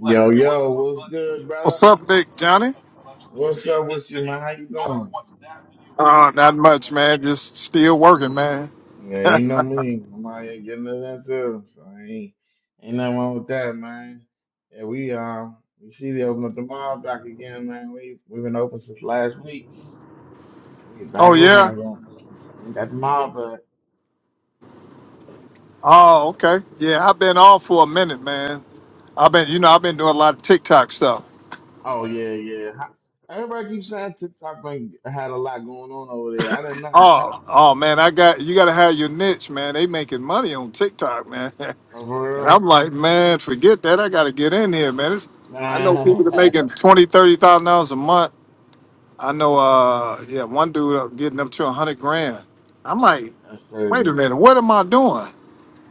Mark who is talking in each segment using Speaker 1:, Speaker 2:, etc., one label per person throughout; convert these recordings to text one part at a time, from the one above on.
Speaker 1: Yo, yo, what's good, brother?
Speaker 2: What's up, Big Johnny?
Speaker 1: What's up with you, man? video, How you doing?
Speaker 2: Uh, not much, man. Just still working, man.
Speaker 1: Yeah, you know me. I'm out here getting to that too. So ain't ain't nothing wrong with that, man. Yeah, we uh we see they open up the mall back again, man. We we've been open since last week. We back
Speaker 2: Oh
Speaker 1: open
Speaker 2: yeah.
Speaker 1: again. Ain't got the mall back.
Speaker 2: Oh, okay. Yeah, I've been off for a minute, man. I've been, you know, I've been doing a lot of TikTok stuff.
Speaker 1: Oh yeah, yeah. How- Everybody keeps saying TikTok been, had a lot going on over there. I didn't know.
Speaker 2: Oh, oh man, I got you. Got to have your niche, man. They making money on TikTok, man.
Speaker 1: Oh, for
Speaker 2: And
Speaker 1: real?
Speaker 2: I'm like, man, forget that. I got to get in here, man. It's, I know people that making
Speaker 1: That's
Speaker 2: twenty, thirty thousand dollars a month. I know, uh, yeah, one dude uh, getting up to a hundred grand. I'm like, wait a
Speaker 1: crazy.
Speaker 2: minute, what am I doing?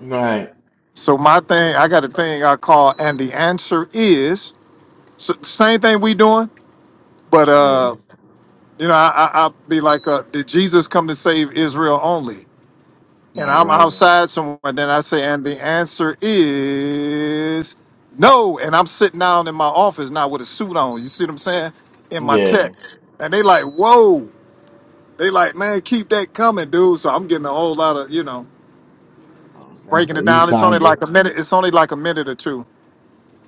Speaker 1: Right.
Speaker 2: So my thing, I got a thing I call, and the answer is so same thing we doing, but
Speaker 1: Yeah.
Speaker 2: uh, you know, I, I I be like, uh, did Jesus come to save Israel only? And
Speaker 1: Right,
Speaker 2: I'm
Speaker 1: right, right.
Speaker 2: outside somewhere, then I say, and the answer is no. And I'm sitting down in my office now with a suit on. You see what I'm saying? In my
Speaker 1: Yeah.
Speaker 2: text, and they like, whoa. They like, man, keep that coming, dude. So I'm getting a whole lot of, you know,
Speaker 1: Okay,
Speaker 2: breaking
Speaker 1: so
Speaker 2: it
Speaker 1: you
Speaker 2: down. It's only
Speaker 1: trying to get
Speaker 2: like a minute. It's only like a minute or two,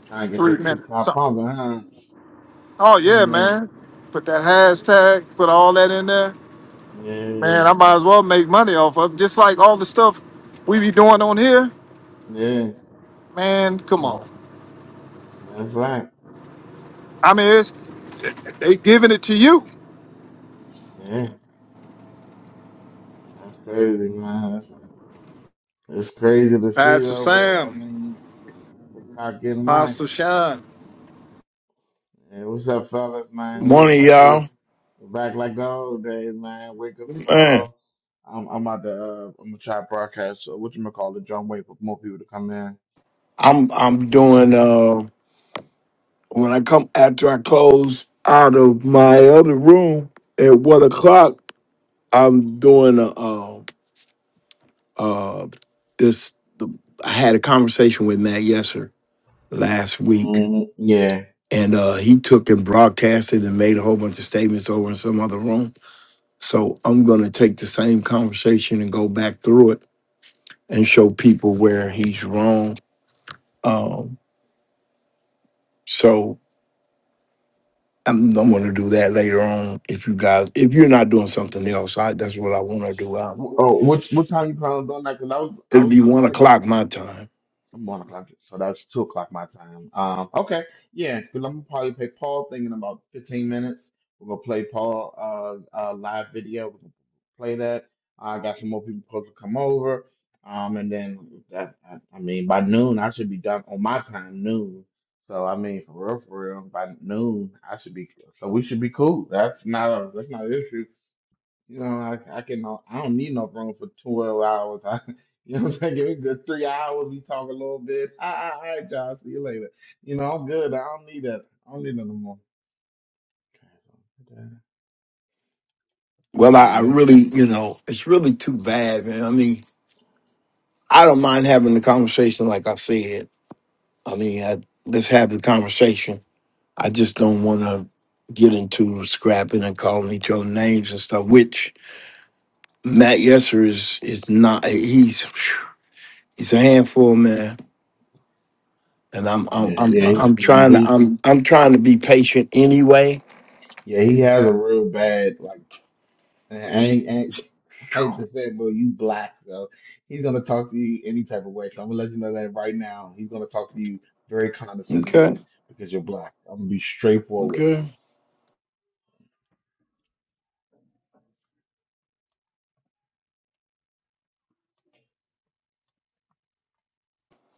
Speaker 1: trying to get your
Speaker 2: three minutes,
Speaker 1: TikTok
Speaker 2: something.
Speaker 1: popping, huh?
Speaker 2: Oh
Speaker 1: I
Speaker 2: yeah,
Speaker 1: ain't know.
Speaker 2: man. Put that hashtag, put all that in there.
Speaker 1: Yeah, yeah.
Speaker 2: Man, I might as well make money off of it. Just like all the stuff we be doing on here.
Speaker 1: Mm,
Speaker 2: Man, come on.
Speaker 1: yeah. That's right.
Speaker 2: I mean, it's they giving it to you.
Speaker 1: Yeah. That's crazy, man. That's it's crazy to see
Speaker 2: Pastor
Speaker 1: though, but I
Speaker 2: Sam,
Speaker 1: mean TikTok getting money.
Speaker 2: Pastor Sean.
Speaker 1: Hey, what's up, fellas, man? We
Speaker 3: Morning,
Speaker 1: back to
Speaker 3: y'all.
Speaker 1: the we're back like the old days, man. Wake up
Speaker 3: Man,
Speaker 1: call. I'm I'm about to uh I'm gonna try to broadcast uh, what you gonna call it, John. Wait for more people to come in.
Speaker 3: I'm I'm doing uh when I come after I close out of my other room at one o'clock. I'm doing a uh, uh this. The, I had a conversation with Matt Yesser last week,
Speaker 1: Mm, yeah.
Speaker 3: and uh he took and broadcasted and made a whole bunch of statements over in some other room. So I'm gonna take the same conversation and go back through it and show people where he's wrong. Um, so I'm, I'm going to do that later on. If you guys, if you're not doing something else, I, that's what I want to do. Um
Speaker 1: Oh, what what time you planning on doing that? Cause I was I
Speaker 3: it'll be
Speaker 1: was
Speaker 3: one
Speaker 1: trying to get
Speaker 3: o'clock my time.
Speaker 1: I'm one o'clock, so that's two o'clock my time. Um, okay, yeah, 'cause I'm gonna probably play Paul thing in about 15 minutes. We're gonna play Paul uh, uh live video. We're gonna play that. I got some more people supposed to come over. Um, and then that, I, I mean, by noon I should be done on my time noon. So I mean, for real, for real, by noon I should be. So we should be cool. That's not a that's not an issue. You know, I, I can uh, I don't need no room for 12 hours. I, you know what I'm saying? Give me a good three hours. We talk a little bit. All right, all right, y'all. See you later. You know, I'm good. I don't need that. I don't need that no more.
Speaker 3: Well,
Speaker 1: Yeah,
Speaker 3: I, I
Speaker 1: yeah,
Speaker 3: really, you know, it's really too bad, man. I mean, I don't mind having the conversation, like I said. I mean, I, let's have the conversation. I just don't want to get into scrapping and calling each other names and stuff. Which Matt Yesser is is not. He's he's a handful, man and I'm
Speaker 1: yeah,
Speaker 3: I'm I'm
Speaker 1: he,
Speaker 3: I'm
Speaker 1: yeah,
Speaker 3: trying to
Speaker 1: he,
Speaker 3: I'm I'm trying to be patient anyway.
Speaker 1: yeah, he has a real bad like. I ain't, I ain't, I hate to say, it, but you black, so he's gonna talk to you any type of way. So I'm gonna let you know that right now. He's gonna talk to you very
Speaker 3: Okay,
Speaker 1: condescendingly because you're black. I'm gonna be straightforward with
Speaker 3: okay.
Speaker 1: you.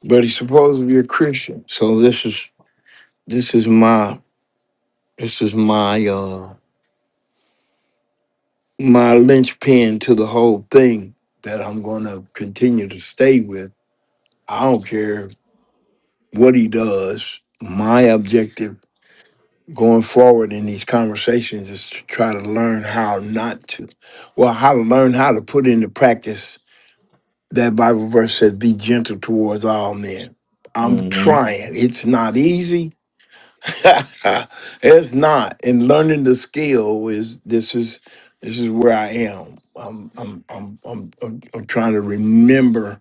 Speaker 3: But he's supposed to be a Christian, so this is this is my this is my uh my linchpin to the whole thing that I'm going to continue to stay with. I don't care what he does. My objective going forward in these conversations is to try to learn how not to, well, how to learn how to put into practice That Bible verse says, be gentle towards all men. I'm
Speaker 1: Mm-hmm.
Speaker 3: trying. It's not easy. it's not. And learning the skill is this is this is where I am. I'm I'm I'm I'm I'm, I'm trying to remember,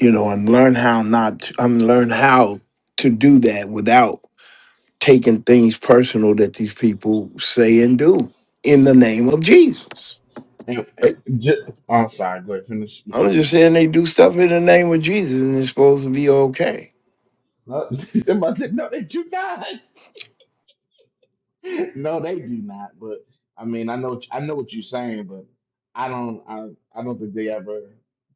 Speaker 3: you know, and learn how not to, i learn how to do that without taking things personal that these people say and do in the name of Jesus.
Speaker 1: And,
Speaker 3: Right?
Speaker 1: and just, I'm sorry. Go ahead. Finish what you're
Speaker 3: I'm just
Speaker 1: saying.
Speaker 3: saying they do stuff in the name of Jesus and it's supposed to be okay.
Speaker 1: No, I said, no, they do not. No, they do not. But I mean, I know, what- I know what you're saying, but I don't, I, I don't think they ever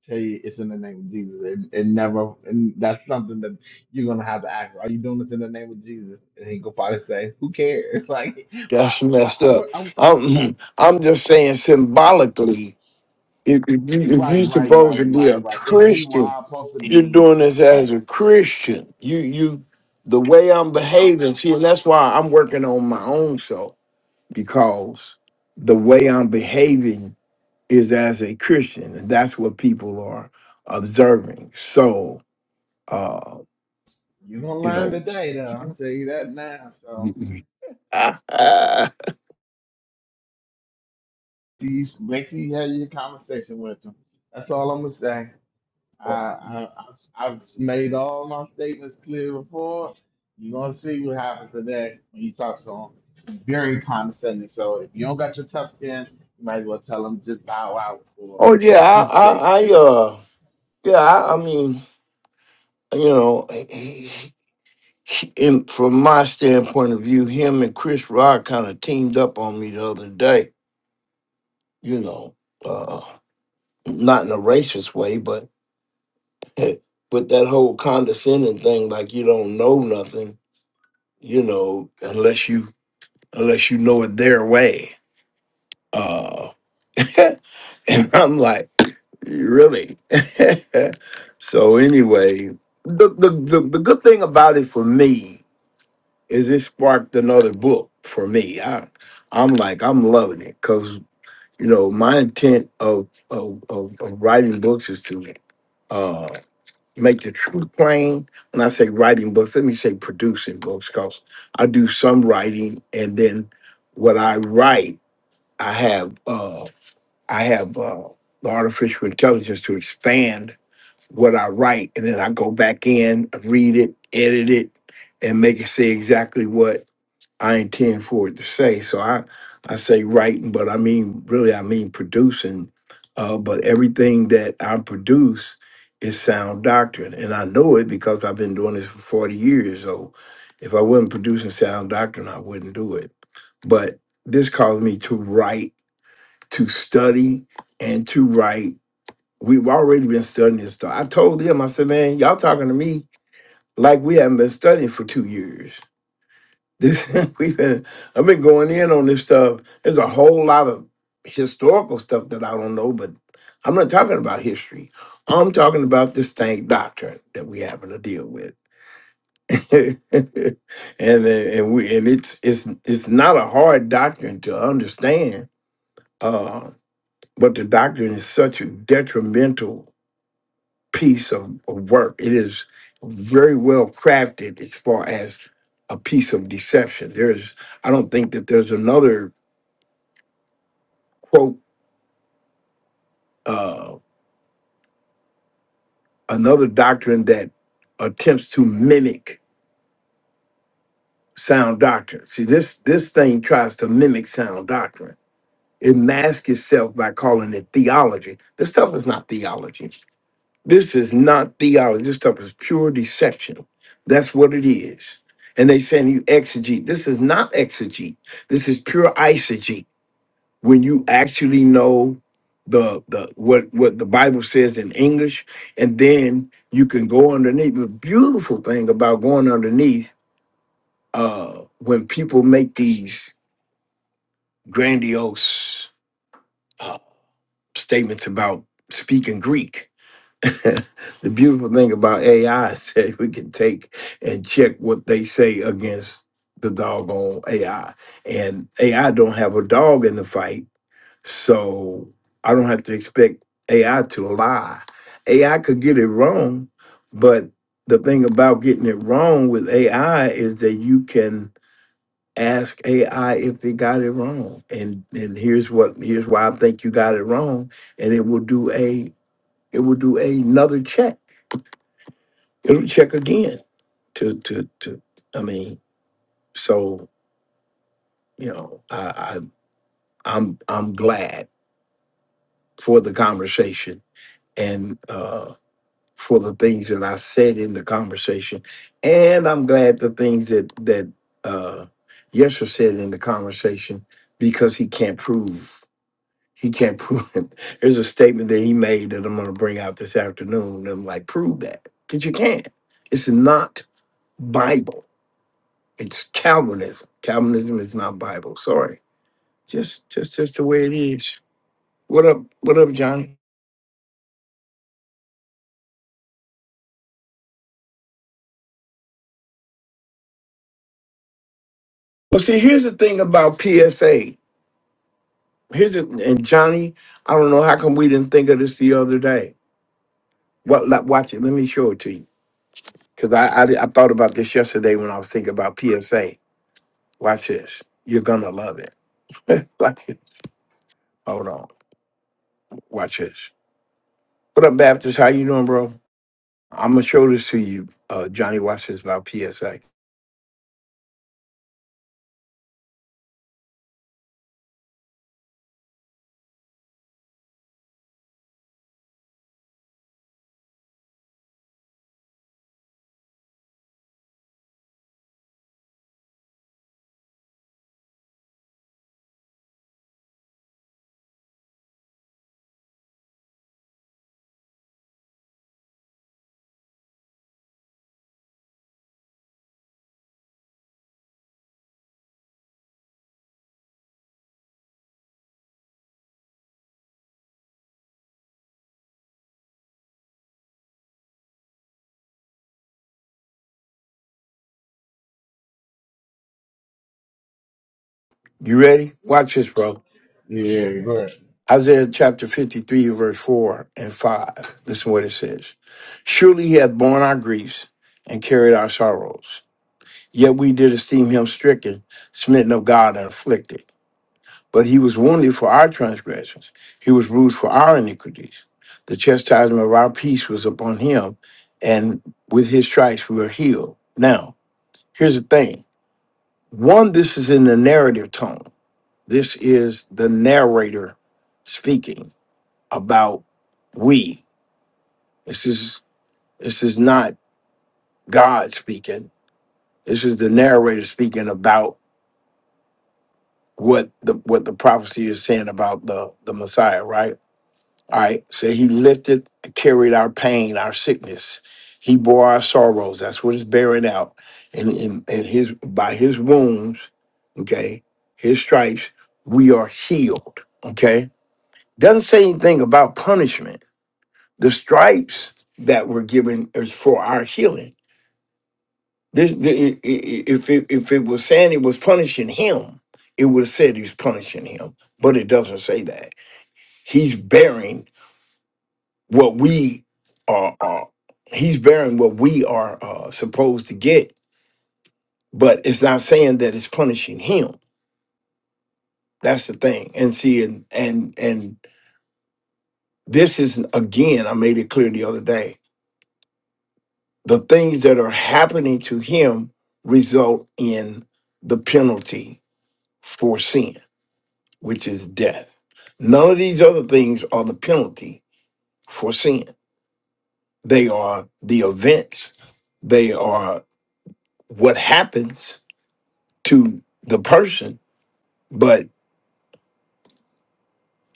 Speaker 1: tell you it's in the name of Jesus. And, and never, and that's something that you're gonna have to ask. Are you doing this in the name of Jesus? And he go probably say, "Who cares?" Like,
Speaker 3: That's
Speaker 1: watch. I,
Speaker 3: messed
Speaker 1: I
Speaker 3: up.
Speaker 1: want. I'm
Speaker 3: I'm, I'm just saying symbolically, if, if, you,
Speaker 1: you,
Speaker 3: if you're
Speaker 1: right, right,
Speaker 3: supposed
Speaker 1: right,
Speaker 3: to be
Speaker 1: right,
Speaker 3: a
Speaker 1: right. If you
Speaker 3: Christian,
Speaker 1: are supposed to
Speaker 3: you're
Speaker 1: be
Speaker 3: doing this
Speaker 1: right,
Speaker 3: as a Christian. You, you, the way I'm behaving, see, and that's why I'm working on my own self because the way I'm behaving is as a Christian, and that's what people are observing. So, uh,
Speaker 1: you're gonna
Speaker 3: you
Speaker 1: learn
Speaker 3: know,
Speaker 1: today, though. I'll tell you that now. So. These, make sure you have your conversation with them. That's all I'm gonna say. I, I, I've I've made all my statements clear before. You're gonna see what happens today when you talk to them. Very condescending. So if you don't got your tough skin, you might as well tell them just bow out for
Speaker 3: oh yeah,
Speaker 1: for
Speaker 3: I,
Speaker 1: peace sake.
Speaker 3: I, I
Speaker 1: 'Cause-
Speaker 3: uh. Yeah, I, I mean, you know, he, he, in, from my standpoint of view, him and Chris Rock kind of teamed up on me the other day. You know, uh, not in a racist way, but with that whole condescending thing, like you don't know nothing, you know, unless you unless you know it their way. Uh, and I'm like, really? so anyway, the, the the the good thing about it for me. is it sparked another book for me. I, I'm like, I'm loving it because you know my intent of of, of of writing books is to uh, make the truth plain. When I say writing books, let me say producing books because I do some writing and then what I write, I have uh, I have uh, the artificial intelligence to expand what I write, and then I go back in, read it, edit it, and make it say exactly what I intend for it to say. So I, I say writing, but I mean really I mean producing. Uh, but everything that I produce is sound doctrine, and I know it because I've been doing this for forty years. So if I wasn't producing sound doctrine, I wouldn't do it. But this caused me to write, to study, and to write. We've already been studying this stuff. I told them, I said, man, y'all talking to me like we haven't been studying for two years this we've been I've been going in on this stuff. There's a whole lot of historical stuff that I don't know, but I'm not talking about history. I'm talking about this thing doctrine that we having to deal with. and and we and it's it's it's not a hard doctrine to understand. Uh, but the doctrine is such a detrimental piece of, of work. It is very well crafted as far as a piece of deception. There's, I don't think that there's another quote, uh, another doctrine that attempts to mimic sound doctrine. See, this this thing tries to mimic sound doctrine. It masks itself by calling it theology. This stuff is not theology. This is not theology. This stuff is pure deception. That's what it is. And they saying you exegete. This is not exegete. This is pure eisegete. When you actually know the the what what the Bible says in English, and then you can go underneath. The beautiful thing about going underneath, uh, when people make these grandiose uh, statements about speaking Greek, the beautiful thing about AI is that we can take and check what they say against the doggone AI. And AI don't have a dog in the fight, so I don't have to expect AI to lie. AI could get it wrong, but the thing about getting it wrong with AI is that you can ask AI if it got it wrong. And and here's what here's why I think you got it wrong. And it will do a it will do another check it'll check again to to to i mean so you know i, I i'm i'm glad for the conversation and uh for the things that i said in the conversation and i'm glad the things that that uh yeshua said in the conversation because he can't prove he can't prove it. There's a statement that he made that I'm going to bring out this afternoon. And I'm like, prove that because you can't. It's not Bible It's Calvinism. Calvinism is not Bible. Sorry. Just just just the way it is. What up? What up, Johnny? Well, see, here's the thing about PSA. Here's it, and Johnny, I don't know how come we didn't think of this the other day. What? like, Watch it. Let me show it to you because I, I I thought about this yesterday when I was thinking about PSA. Watch this. You're gonna love it. Watch it. Hold on. Watch this. What up, Baptist? How you doing, bro? I'm gonna show this to you. Uh, Johnny, watch this about PSA. You ready? Watch this, bro.
Speaker 1: yeah, right.
Speaker 3: Isaiah chapter 53, verse 4 and 5. Listen what it says. Surely he hath borne our griefs and carried our sorrows. Yet we did esteem him stricken, smitten of God, and afflicted. But he was wounded for our transgressions, he was bruised for our iniquities. The chastisement of our peace was upon him, and with his stripes we were healed. Now, here's the thing one, this is in the narrative tone, this is the narrator speaking about we. This is this is not God speaking. This is the narrator speaking about what the what the prophecy is saying about the the Messiah, right? All right. So he lifted, carried our pain, our sickness. He bore our sorrows. That's what it's bearing out. And, and, and his by his wounds, okay, his stripes, we are healed. Okay. Doesn't say anything about punishment. The stripes that were given is for our healing This, the, i- i- if it if it was saying it was punishing him, it would have said he's punishing him, but it doesn't say that. He's bearing what we are. are he's bearing what we are uh, supposed to get, but it's not saying that it's punishing him. That's the thing. And see, and and and this is again. I made it clear the other day. The things that are happening to him result in the penalty for sin which is death. None of these other things are the penalty for sin. They are the events, they are what happens to the person, but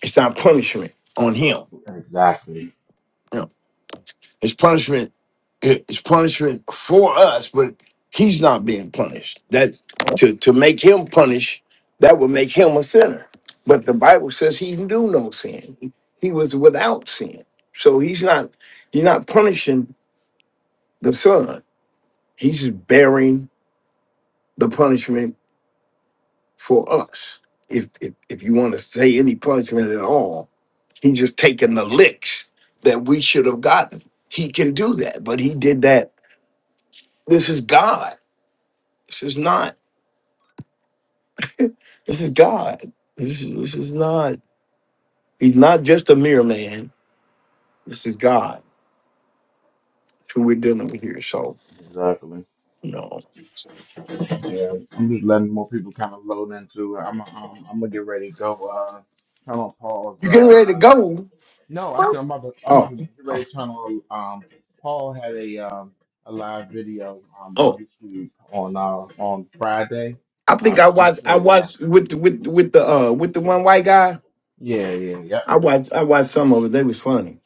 Speaker 3: it's not punishment on him.
Speaker 1: exactly,
Speaker 3: You know, it's punishment, it- it's punishment for us, but he's not being punished. That to, to make him punish, that would make him a sinner. But the Bible says he knew no sin. He he was without sin. So he's not you're not punishing the son. He's just bearing the punishment for us. If if, if you want to say any punishment at all, he's just taking the licks that we should have gotten. He can do that, but he did that. This is God. This is not. This is God. This is this is not. He's not just a mere man. This is God. That's who we're dealing with here. So
Speaker 1: exactly.
Speaker 3: you know,
Speaker 1: Yeah, I'm just letting more people kind of load into it. I'm, I'm, I'm gonna get ready to go. Uh, turn on pause.
Speaker 3: you getting
Speaker 1: Uh,
Speaker 3: ready
Speaker 1: live
Speaker 3: to go?
Speaker 1: No, I
Speaker 3: Oh,
Speaker 1: said I'm about to. I'm about
Speaker 3: oh,
Speaker 1: to get ready to turn on. Um, Paul had a um a live video um on
Speaker 3: oh!
Speaker 1: YouTube on uh on Friday.
Speaker 3: I
Speaker 1: Uh,
Speaker 3: think I
Speaker 1: so I'm gonna
Speaker 3: watched.
Speaker 1: play
Speaker 3: I
Speaker 1: it live.
Speaker 3: watched with the with with the uh with the one white guy.
Speaker 1: Yeah, yeah, yep,
Speaker 3: I watched I watched some of it. They was funny.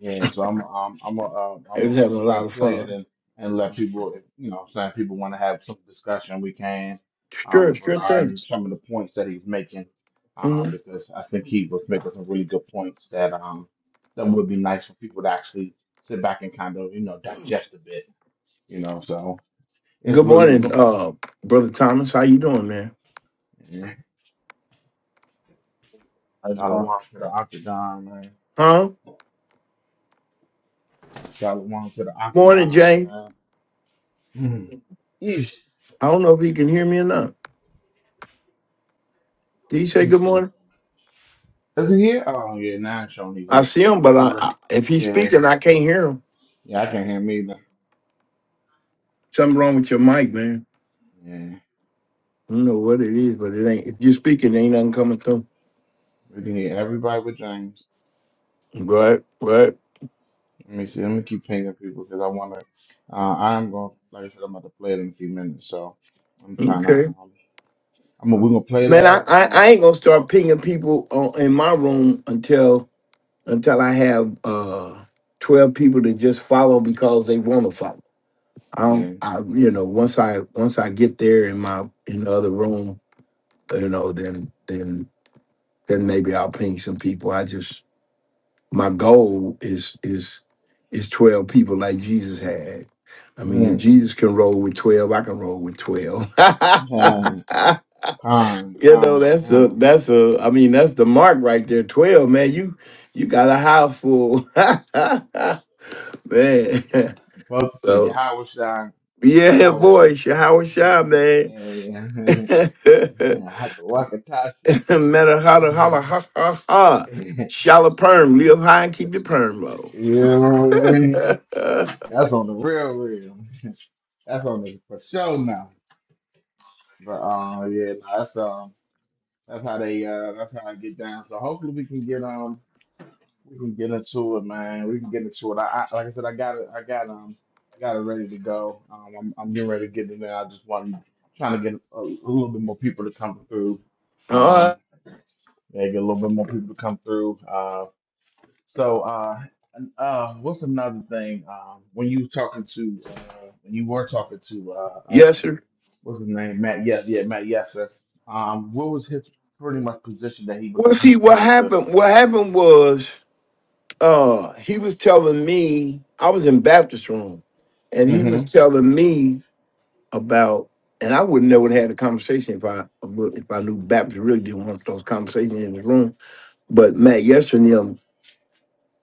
Speaker 1: yeah. So I'm um I'm a uh, I'm
Speaker 3: They
Speaker 1: a
Speaker 3: was having a
Speaker 1: we
Speaker 3: lot of
Speaker 1: play it
Speaker 3: fun.
Speaker 1: and and let people if you know what I'm saying people want to have some discussion we can
Speaker 3: Sure,
Speaker 1: um
Speaker 3: sure thing.
Speaker 1: regarding some of the points that he's making um
Speaker 3: hmm
Speaker 1: because I think he was making some really good points that um that would be nice for people to actually sit back and kind of you know digest a bit You know, so it's
Speaker 3: Good
Speaker 1: really
Speaker 3: morning,
Speaker 1: go-
Speaker 3: uh, brother Thomas. How you doing, man?
Speaker 1: yeah.
Speaker 4: How's it
Speaker 1: Shalom
Speaker 4: going?
Speaker 1: to the octagon, man.
Speaker 3: Huh?
Speaker 1: Shalom to the
Speaker 3: Morning,
Speaker 1: octagon,
Speaker 3: Jay.
Speaker 1: man. Mm. Yeesh.
Speaker 3: I don't know if he can hear me or not. Did he say good
Speaker 1: Let's see.
Speaker 3: morning?
Speaker 1: Is he here? Oh yeah, now it's only
Speaker 3: I
Speaker 1: here.
Speaker 3: see him, but
Speaker 1: First
Speaker 3: I,
Speaker 1: of
Speaker 3: I,
Speaker 1: all,
Speaker 3: if he's
Speaker 1: yeah,
Speaker 3: speaking, I can't hear him.
Speaker 1: yeah, I can not hear me either.
Speaker 3: Something wrong with your mic, man.
Speaker 1: Yeah,
Speaker 3: I don't know what it is, but it ain't. If you're speaking, ain't nothing coming through.
Speaker 1: we can hear everybody with James.
Speaker 3: Right, right.
Speaker 1: Let me see. Let me keep pinging people because I want to. Uh, I'm going. to Like I said, I'm about to play it in a few minutes, so I'm trying to.
Speaker 3: Okay.
Speaker 1: Um, I'm. We're gonna play
Speaker 3: Man,
Speaker 1: that.
Speaker 3: I,
Speaker 1: and I
Speaker 3: I,
Speaker 1: mean,
Speaker 3: I ain't
Speaker 1: everybody
Speaker 3: gonna
Speaker 1: can
Speaker 3: start
Speaker 1: talk.
Speaker 3: pinging people on, in my room until until I have uh, twelve people to just follow because they want to follow. I don't,
Speaker 1: Yeah.
Speaker 3: I you know once I once I get there in my in the other room, you know then then then maybe I'll ping some people. I just my goal is is is twelve people like Jesus had. I mean, if
Speaker 1: Mm.
Speaker 3: Jesus can roll with twelve, I can roll with twelve.
Speaker 1: Con, con,
Speaker 3: you know,
Speaker 1: con,
Speaker 3: that's a
Speaker 1: con.
Speaker 3: that's a. I mean, that's the mark right there. Twelve, man. You you got a house full. Man.
Speaker 1: supposed to say
Speaker 3: So
Speaker 1: Yahweh Shai,
Speaker 3: yeah,
Speaker 1: Yahweh,
Speaker 3: boy, sh- how was y'all, man?
Speaker 1: and
Speaker 3: Matter
Speaker 1: Hakawakatashi.
Speaker 3: holla, holla, ha, ha, ha. Shallow
Speaker 1: um,
Speaker 3: perm, live high and keep your perm low.
Speaker 1: you That's on the real, real. That's on the for show now. But um, yeah, no, that's um, that's how they uh, that's how I get down. So hopefully we can get on. We can get into it, man. We can get into it. I, I like I said, I got it. I got um, I got it ready to go. Um, I'm I'm getting ready to get in there. I just want trying to get a, a little bit more people to come through.
Speaker 3: All
Speaker 1: Um,
Speaker 3: right.
Speaker 1: yeah, get a little bit more people to come through. Uh, so uh, and, uh, what's another thing? Um, when you talking to uh, when you were talking to uh, uh,
Speaker 3: Yes, sir.
Speaker 1: what's his name? Matt. Yeah, yeah, Matt Yasser. Um, what was his pretty much position that he was
Speaker 3: Well, see,
Speaker 1: he's
Speaker 3: what
Speaker 1: trying to?
Speaker 3: happened? What happened was, uh, he was telling me I was in Baptist room, and he was
Speaker 1: Mm-hmm.
Speaker 3: telling me about, and I wouldn't never have had a conversation if I if I knew Baptist really didn't want those conversations in the room. But Matt Yesterday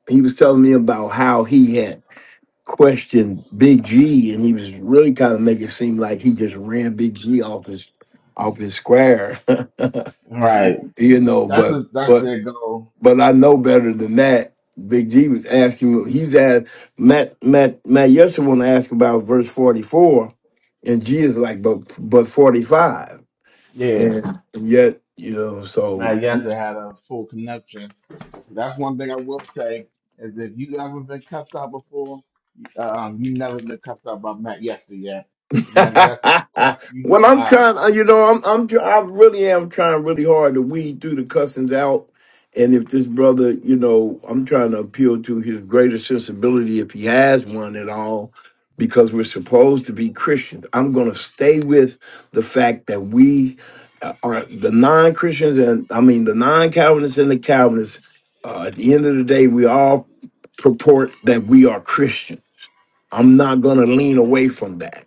Speaker 3: he was telling me about how he had questioned Big G, and he was really kind of making it seem like he just ran Big G off his off his square, you know.
Speaker 1: That's
Speaker 3: But
Speaker 1: a, that's
Speaker 3: but
Speaker 1: their goal.
Speaker 3: but I know better than that. Big G was asking. He's asked Matt Matt Matt Yester want to ask about verse forty four, and G is like, but but forty five,
Speaker 1: Yeah,
Speaker 3: and yet you know so.
Speaker 1: I guess they had a full connection. That's one thing I will say is if you ever been cussed out before, uh, um, you never been cussed out by Matt Yester yet. 'Cause Matt Yester can cuss you
Speaker 3: well, I'm
Speaker 1: out.
Speaker 3: trying. uh, You know, I'm I'm tr- I really am trying really hard to weed through the cussings out. And if this brother, you know, I'm trying to appeal to his greater sensibility if he has one at all, because we're supposed to be Christians. I'm going to stay with the fact that we uh, are the non-Christians, and I mean the non-Calvinists and the Calvinists. Uh, at the end of the day, we all purport that we are Christians I'm not gonna lean away from that.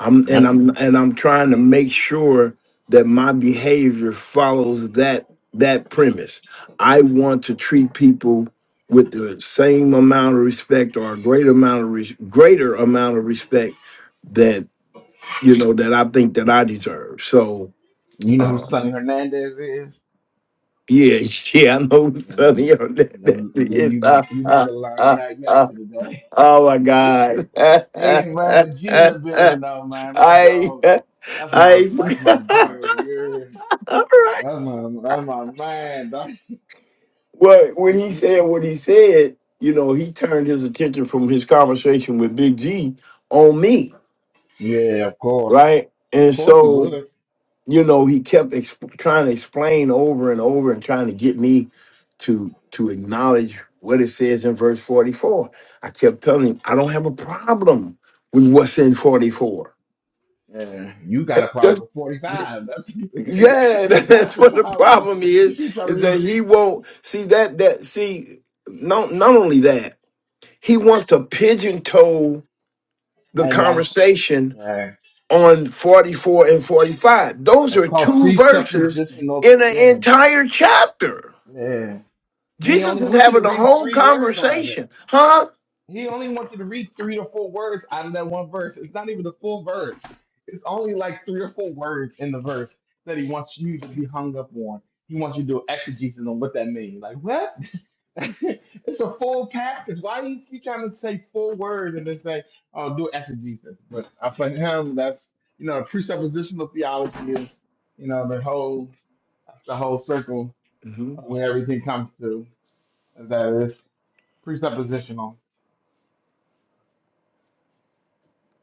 Speaker 3: I'm and
Speaker 1: Yep.
Speaker 3: I'm and I'm trying to make sure that my behavior follows that that premise. I want to treat people with the same amount of respect or a greater amount of res- greater amount of respect that you know that I think that I deserve. So
Speaker 1: You know who
Speaker 3: uh
Speaker 1: Sonny Hernandez is?
Speaker 3: yeah, yeah, I know
Speaker 1: Yeah.
Speaker 3: Sonny. That, that,
Speaker 1: Then, then
Speaker 3: it,
Speaker 1: you
Speaker 3: ah,
Speaker 1: about you about
Speaker 3: ah,
Speaker 1: to learn
Speaker 3: ah,
Speaker 1: Matt
Speaker 3: ah,
Speaker 1: Yester today.
Speaker 3: oh my God.
Speaker 1: Hey man, G in the building though, man. My
Speaker 3: I
Speaker 1: dog. That's my
Speaker 3: I
Speaker 1: that's my
Speaker 3: forgot.
Speaker 1: brother. You're
Speaker 3: All right.
Speaker 1: that's my that's my man.
Speaker 3: Well, when he
Speaker 1: dog.
Speaker 3: said what he said, you know, he turned his attention from his conversation with Big G on me,
Speaker 1: Yeah, of course.
Speaker 3: right?
Speaker 1: Of
Speaker 3: And
Speaker 1: course he
Speaker 3: so,
Speaker 1: would.
Speaker 3: you know, he kept exp- trying to explain over and over and trying to get me to to acknowledge what it says in verse 44. I kept telling him, I don't have a problem with what's in 44.
Speaker 1: Yeah, you got a
Speaker 3: It's
Speaker 1: problem
Speaker 3: just
Speaker 1: with 45. That's,
Speaker 3: Yeah,
Speaker 1: that's
Speaker 3: that's
Speaker 1: a
Speaker 3: what the
Speaker 1: problem.
Speaker 3: problem
Speaker 1: You see
Speaker 3: is, is that
Speaker 1: something
Speaker 3: he won't see that that see not not only that, he wants to pigeon toe the
Speaker 1: and one.
Speaker 3: conversation
Speaker 1: Yeah.
Speaker 3: on 44 and 45. Those
Speaker 1: That's
Speaker 3: are
Speaker 1: called
Speaker 3: two verses
Speaker 1: presuppositional.
Speaker 3: in
Speaker 1: pre-
Speaker 3: an
Speaker 1: Yeah.
Speaker 3: entire chapter.
Speaker 1: Yeah. He
Speaker 3: Jesus
Speaker 1: only
Speaker 3: is
Speaker 1: wants you to
Speaker 3: having a
Speaker 1: read
Speaker 3: whole
Speaker 1: three words out of it.
Speaker 3: conversation. Huh?
Speaker 1: He only wants you to read three or four words out of that one verse. It's not even the full verse. It's only like three or four words in the verse that he wants you to be hung up on. He wants you to do exegesis on what that means. Like, what? it's a full passage. Why do you keep trying to say full words and then say, "Oh, do exegesis"? But uh, for him, that's you know, presuppositional theology is you know the whole that's the whole circle
Speaker 3: hmm
Speaker 1: of where everything comes to. and That is presuppositional.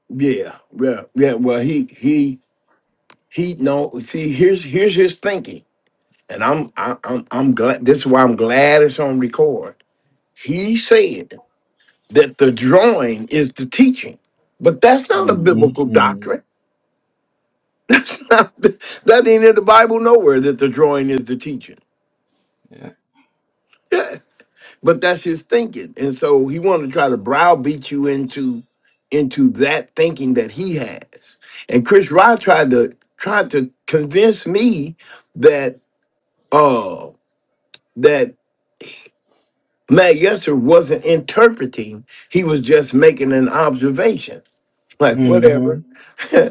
Speaker 3: Yeah, yeah, yeah. Well, he he he no see here's here's his thinking. And I'm I, I'm I'm glad this is why I'm glad it's on record He said that the drawing is the teaching, but that's not a biblical
Speaker 1: Mm-hmm. mm
Speaker 3: doctrine. that ain't in the Bible nowhere that the drawing is the teaching.
Speaker 1: Yeah.
Speaker 3: Yeah, but that's his thinking, and so he wanted to try to browbeat you into into that thinking that he has. And Chris Rye tried to tried to convince me that uh that Matt Yesser wasn't interpreting; he was just making an observation. Like
Speaker 1: Mm-hmm.
Speaker 3: whatever.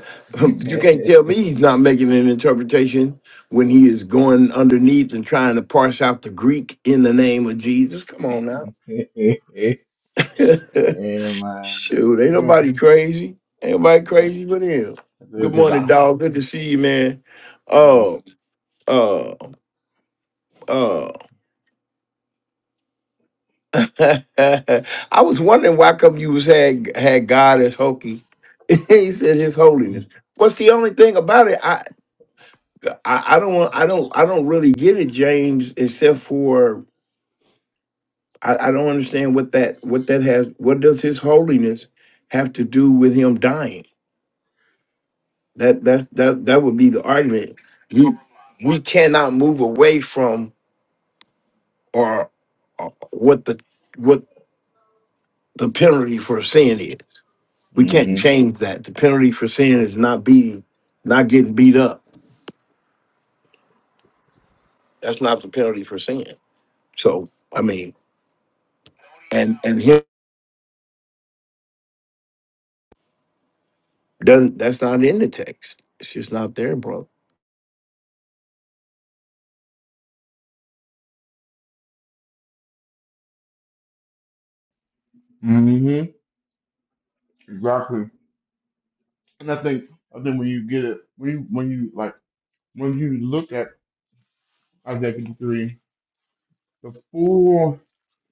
Speaker 3: you can't tell me he's not making an interpretation when he is going underneath and trying to parse out the Greek in the name of Jesus. Come on now.
Speaker 1: yeah, man.
Speaker 3: Shoot, ain't
Speaker 1: they gonna-
Speaker 3: nobody crazy. Ain't nobody
Speaker 1: yeah,
Speaker 3: crazy but him.
Speaker 1: they're
Speaker 3: Good
Speaker 1: just
Speaker 3: morning,
Speaker 1: off.
Speaker 3: dog. Good to see you, man.
Speaker 1: Mm-hmm.
Speaker 3: Oh, uh, uh. I was wondering why come you was had had God as hokey. he said his holiness. What's the only thing about it? I, I don't want I don't I don't really get it, James, except for I, I don't understand what that what that has what does his holiness have to do with him dying? That that's that that would be the argument. We we cannot move away from or, or what the what the penalty for sin is. We can't change that. The penalty for sin is not beating, not getting beat up. That's not the penalty for sin. So I mean, and and him. Doesn't that's not in the text. It's just not there, bro.
Speaker 1: Mm-hmm. Exactly. And I think I think when you get it, when you when you like when you look at Isaiah 53, the full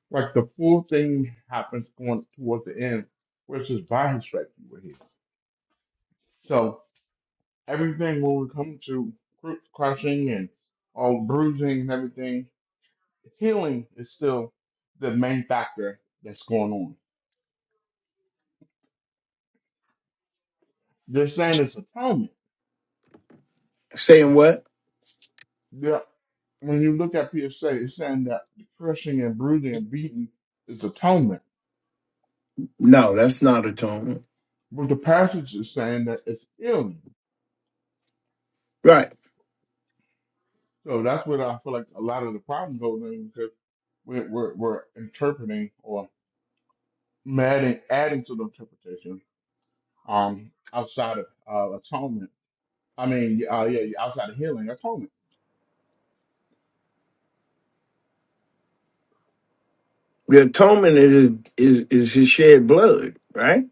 Speaker 1: like the full thing happens going towards the end, where it says by his stripes you were healed. So everything when we come to cru- crushing and all bruising and everything, healing is still the main factor that's going on. They're saying it's atonement.
Speaker 3: Saying what?
Speaker 1: Yeah. When you look at PSA, it's saying that the crushing and bruising and beating is atonement
Speaker 3: No, that's not atonement.
Speaker 1: But the passage is saying that it's healing.
Speaker 3: Right.
Speaker 1: So that's where I feel like a lot of the problem goes in because we're, we're, we're interpreting or adding, adding to the interpretation um, outside of uh, atonement. I mean, yeah, uh, yeah, yeah, outside of healing, atonement.
Speaker 3: The atonement is is is his shed blood, right?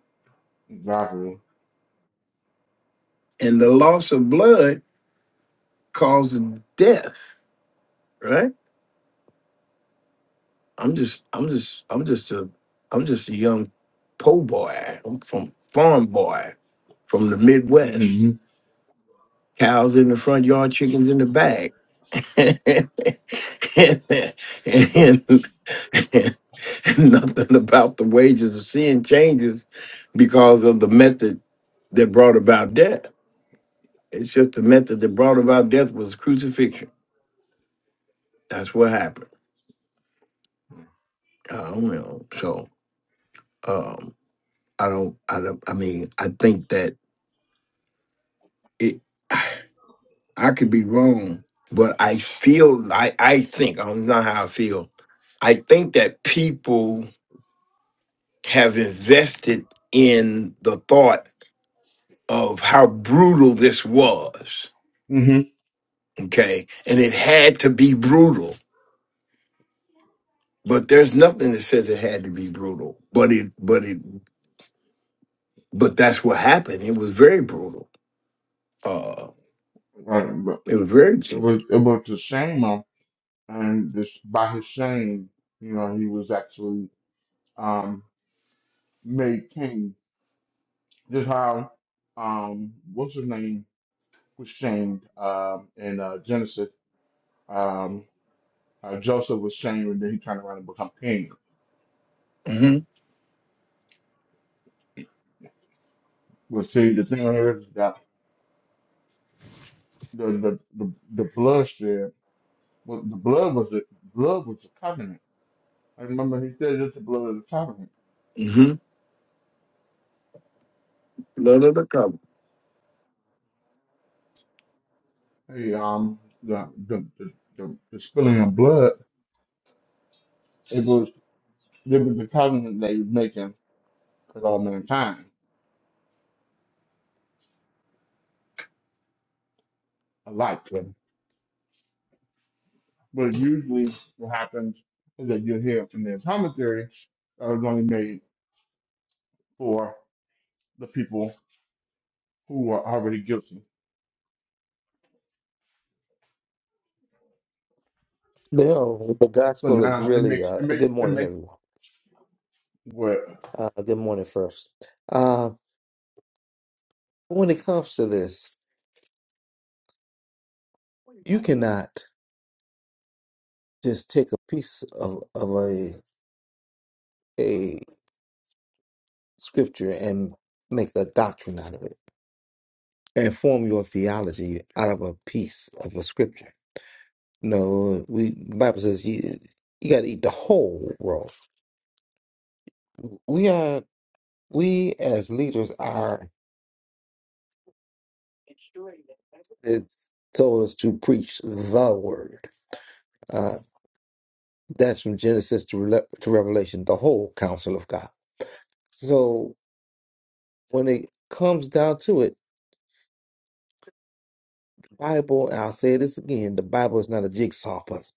Speaker 1: Exactly.
Speaker 3: And the loss of blood causes death, right? I'm just I'm just I'm just a I'm just a young po boy. I'm from farm boy from the Midwest.
Speaker 1: Mm-hmm.
Speaker 3: Cows in the front yard, chickens in the back. Nothing about the wages of sin changes because of the method that brought about death. It's just the method that brought about death was crucifixion. That's what happened. I don't know. So um, I don't. I don't. I mean, I think that it. I could be wrong, but I feel. I I think. I don't know how I feel. I think that people have invested in the thought of how brutal this was
Speaker 1: Mm-hmm.
Speaker 3: Okay. And it had to be brutal, but there's nothing that says it had to be brutal, but it, but it, but that's what happened. It was very brutal. Uh,
Speaker 1: Right. But
Speaker 3: it was very,
Speaker 1: it was, it was to shame him, and this, by his shame, you know, he was actually um, made king. Just how, um, what's his name? was shamed um, in uh, Genesis. Um, uh, Joseph was shamed, and then he turned around and become king.
Speaker 3: mm-hmm.
Speaker 1: Well, see, the thing here is that the the the, the blood shed, well, the blood was the blood was the covenant. I remember he said it's the blood of the covenant.
Speaker 3: Mm-hmm. None of the cover.
Speaker 1: Hey, um, the the the, the, the spilling of blood, it was it was the covenant they was making with all mankind alike. But usually, what happens is that you hear from the commentary that was only made the people who are already guilty.
Speaker 5: No, the
Speaker 1: So
Speaker 5: gospel is
Speaker 1: now it
Speaker 5: really
Speaker 1: makes
Speaker 5: uh,
Speaker 1: it makes
Speaker 5: good
Speaker 1: it
Speaker 5: morning,
Speaker 1: makes
Speaker 5: everyone.
Speaker 1: what?
Speaker 5: Uh, good morning, first. Uh, when it comes to this, you cannot just take a piece of, of a a scripture and make a doctrine out of it and form your theology out of a piece of a scripture. No, we the Bible says you you got to eat the whole world. We are we as leaders are it's told us to preach the word. Uh, That's from Genesis to, Rele- to Revelation, the whole counsel of God. So when it comes down to it, Bible, and I'll say this again, the Bible is not a jigsaw puzzle.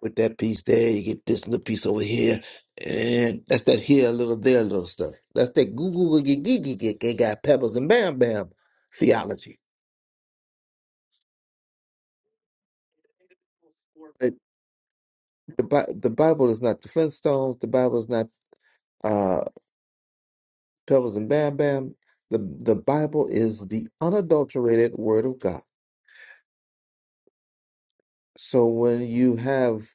Speaker 5: With that piece there, you get this little piece over here, and that's that here, a little there, a little stuff. That's that goo goo goo goo goo goo goo got pebbles and bam bam theology. But the Bi- the Bible is not the Flintstones. The Bible is not uh, pebbles and bam bam. The the Bible is the unadulterated Word of God So when you have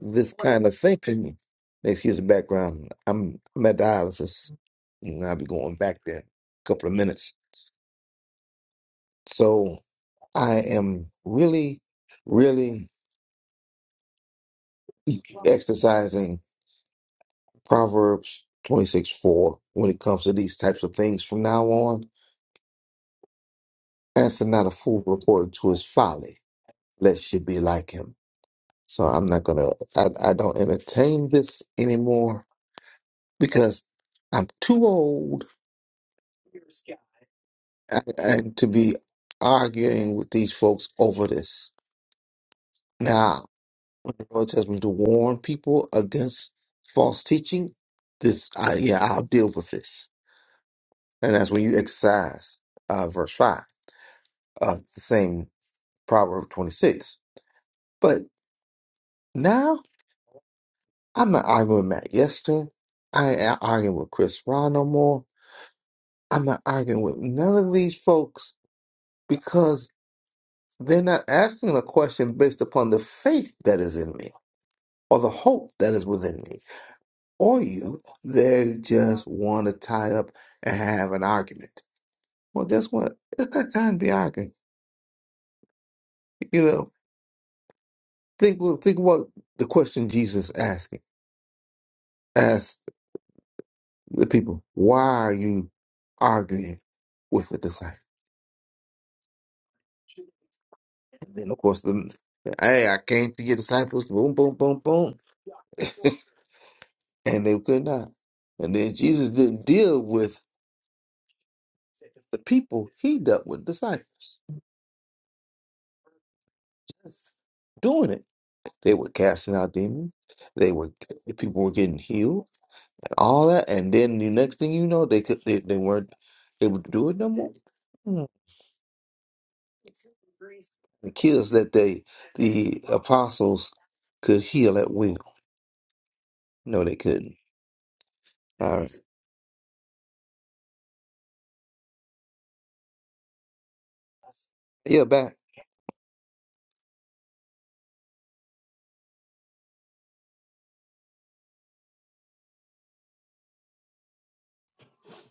Speaker 5: this kind of thinking, excuse the background, I'm, I'm at dialysis and I'll be going back there in a couple of minutes. So I am really, really e, exercising Proverbs 26 4 when it comes to these types of things from now on. Answer not a fool according to his folly, lest she be like him. So I'm not going to, I I don't entertain this anymore because I'm too old and, and to be arguing with these folks over this. Now, when the Lord tells me to warn people against false teaching, this, I, yeah, I'll deal with this. And that's when you exercise uh, verse 5 of the same Proverb 26. But now, I'm not arguing with Matt Yester. I ain't a- arguing with Chris Ron no more. I'm not arguing with none of these folks because they're not asking a question based upon the faith that is in me or the hope that is within me, or you they just want to tie up and have an argument. Well, guess what? It's not time to be arguing. You know, think think what the question Jesus asking asked the people: Why are you arguing with the disciples? And then, of course, the hey, I came to your disciples. Boom, boom, boom, boom, and they could not. And then Jesus didn't deal with the people; he dealt with disciples doing it. They were casting out demons. They were people were getting healed, and all that. And then the next thing you know, they could they, they weren't able to do it no more. Hmm. The kids that they the apostles could heal at will. No, they couldn't. All right. Yeah, back.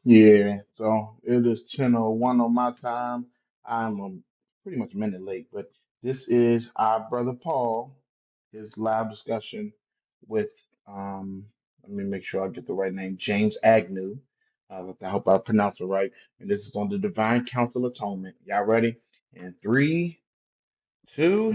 Speaker 1: Yeah. So it is ten oh one on my time. I'm um, pretty much a minute late, but this is our brother Paul, his live discussion with um. Let me make sure I get the right name. James Agnew. Uh, I hope I pronounced it right. And this is on the Divine Council Atonement. Y'all ready? In three, two.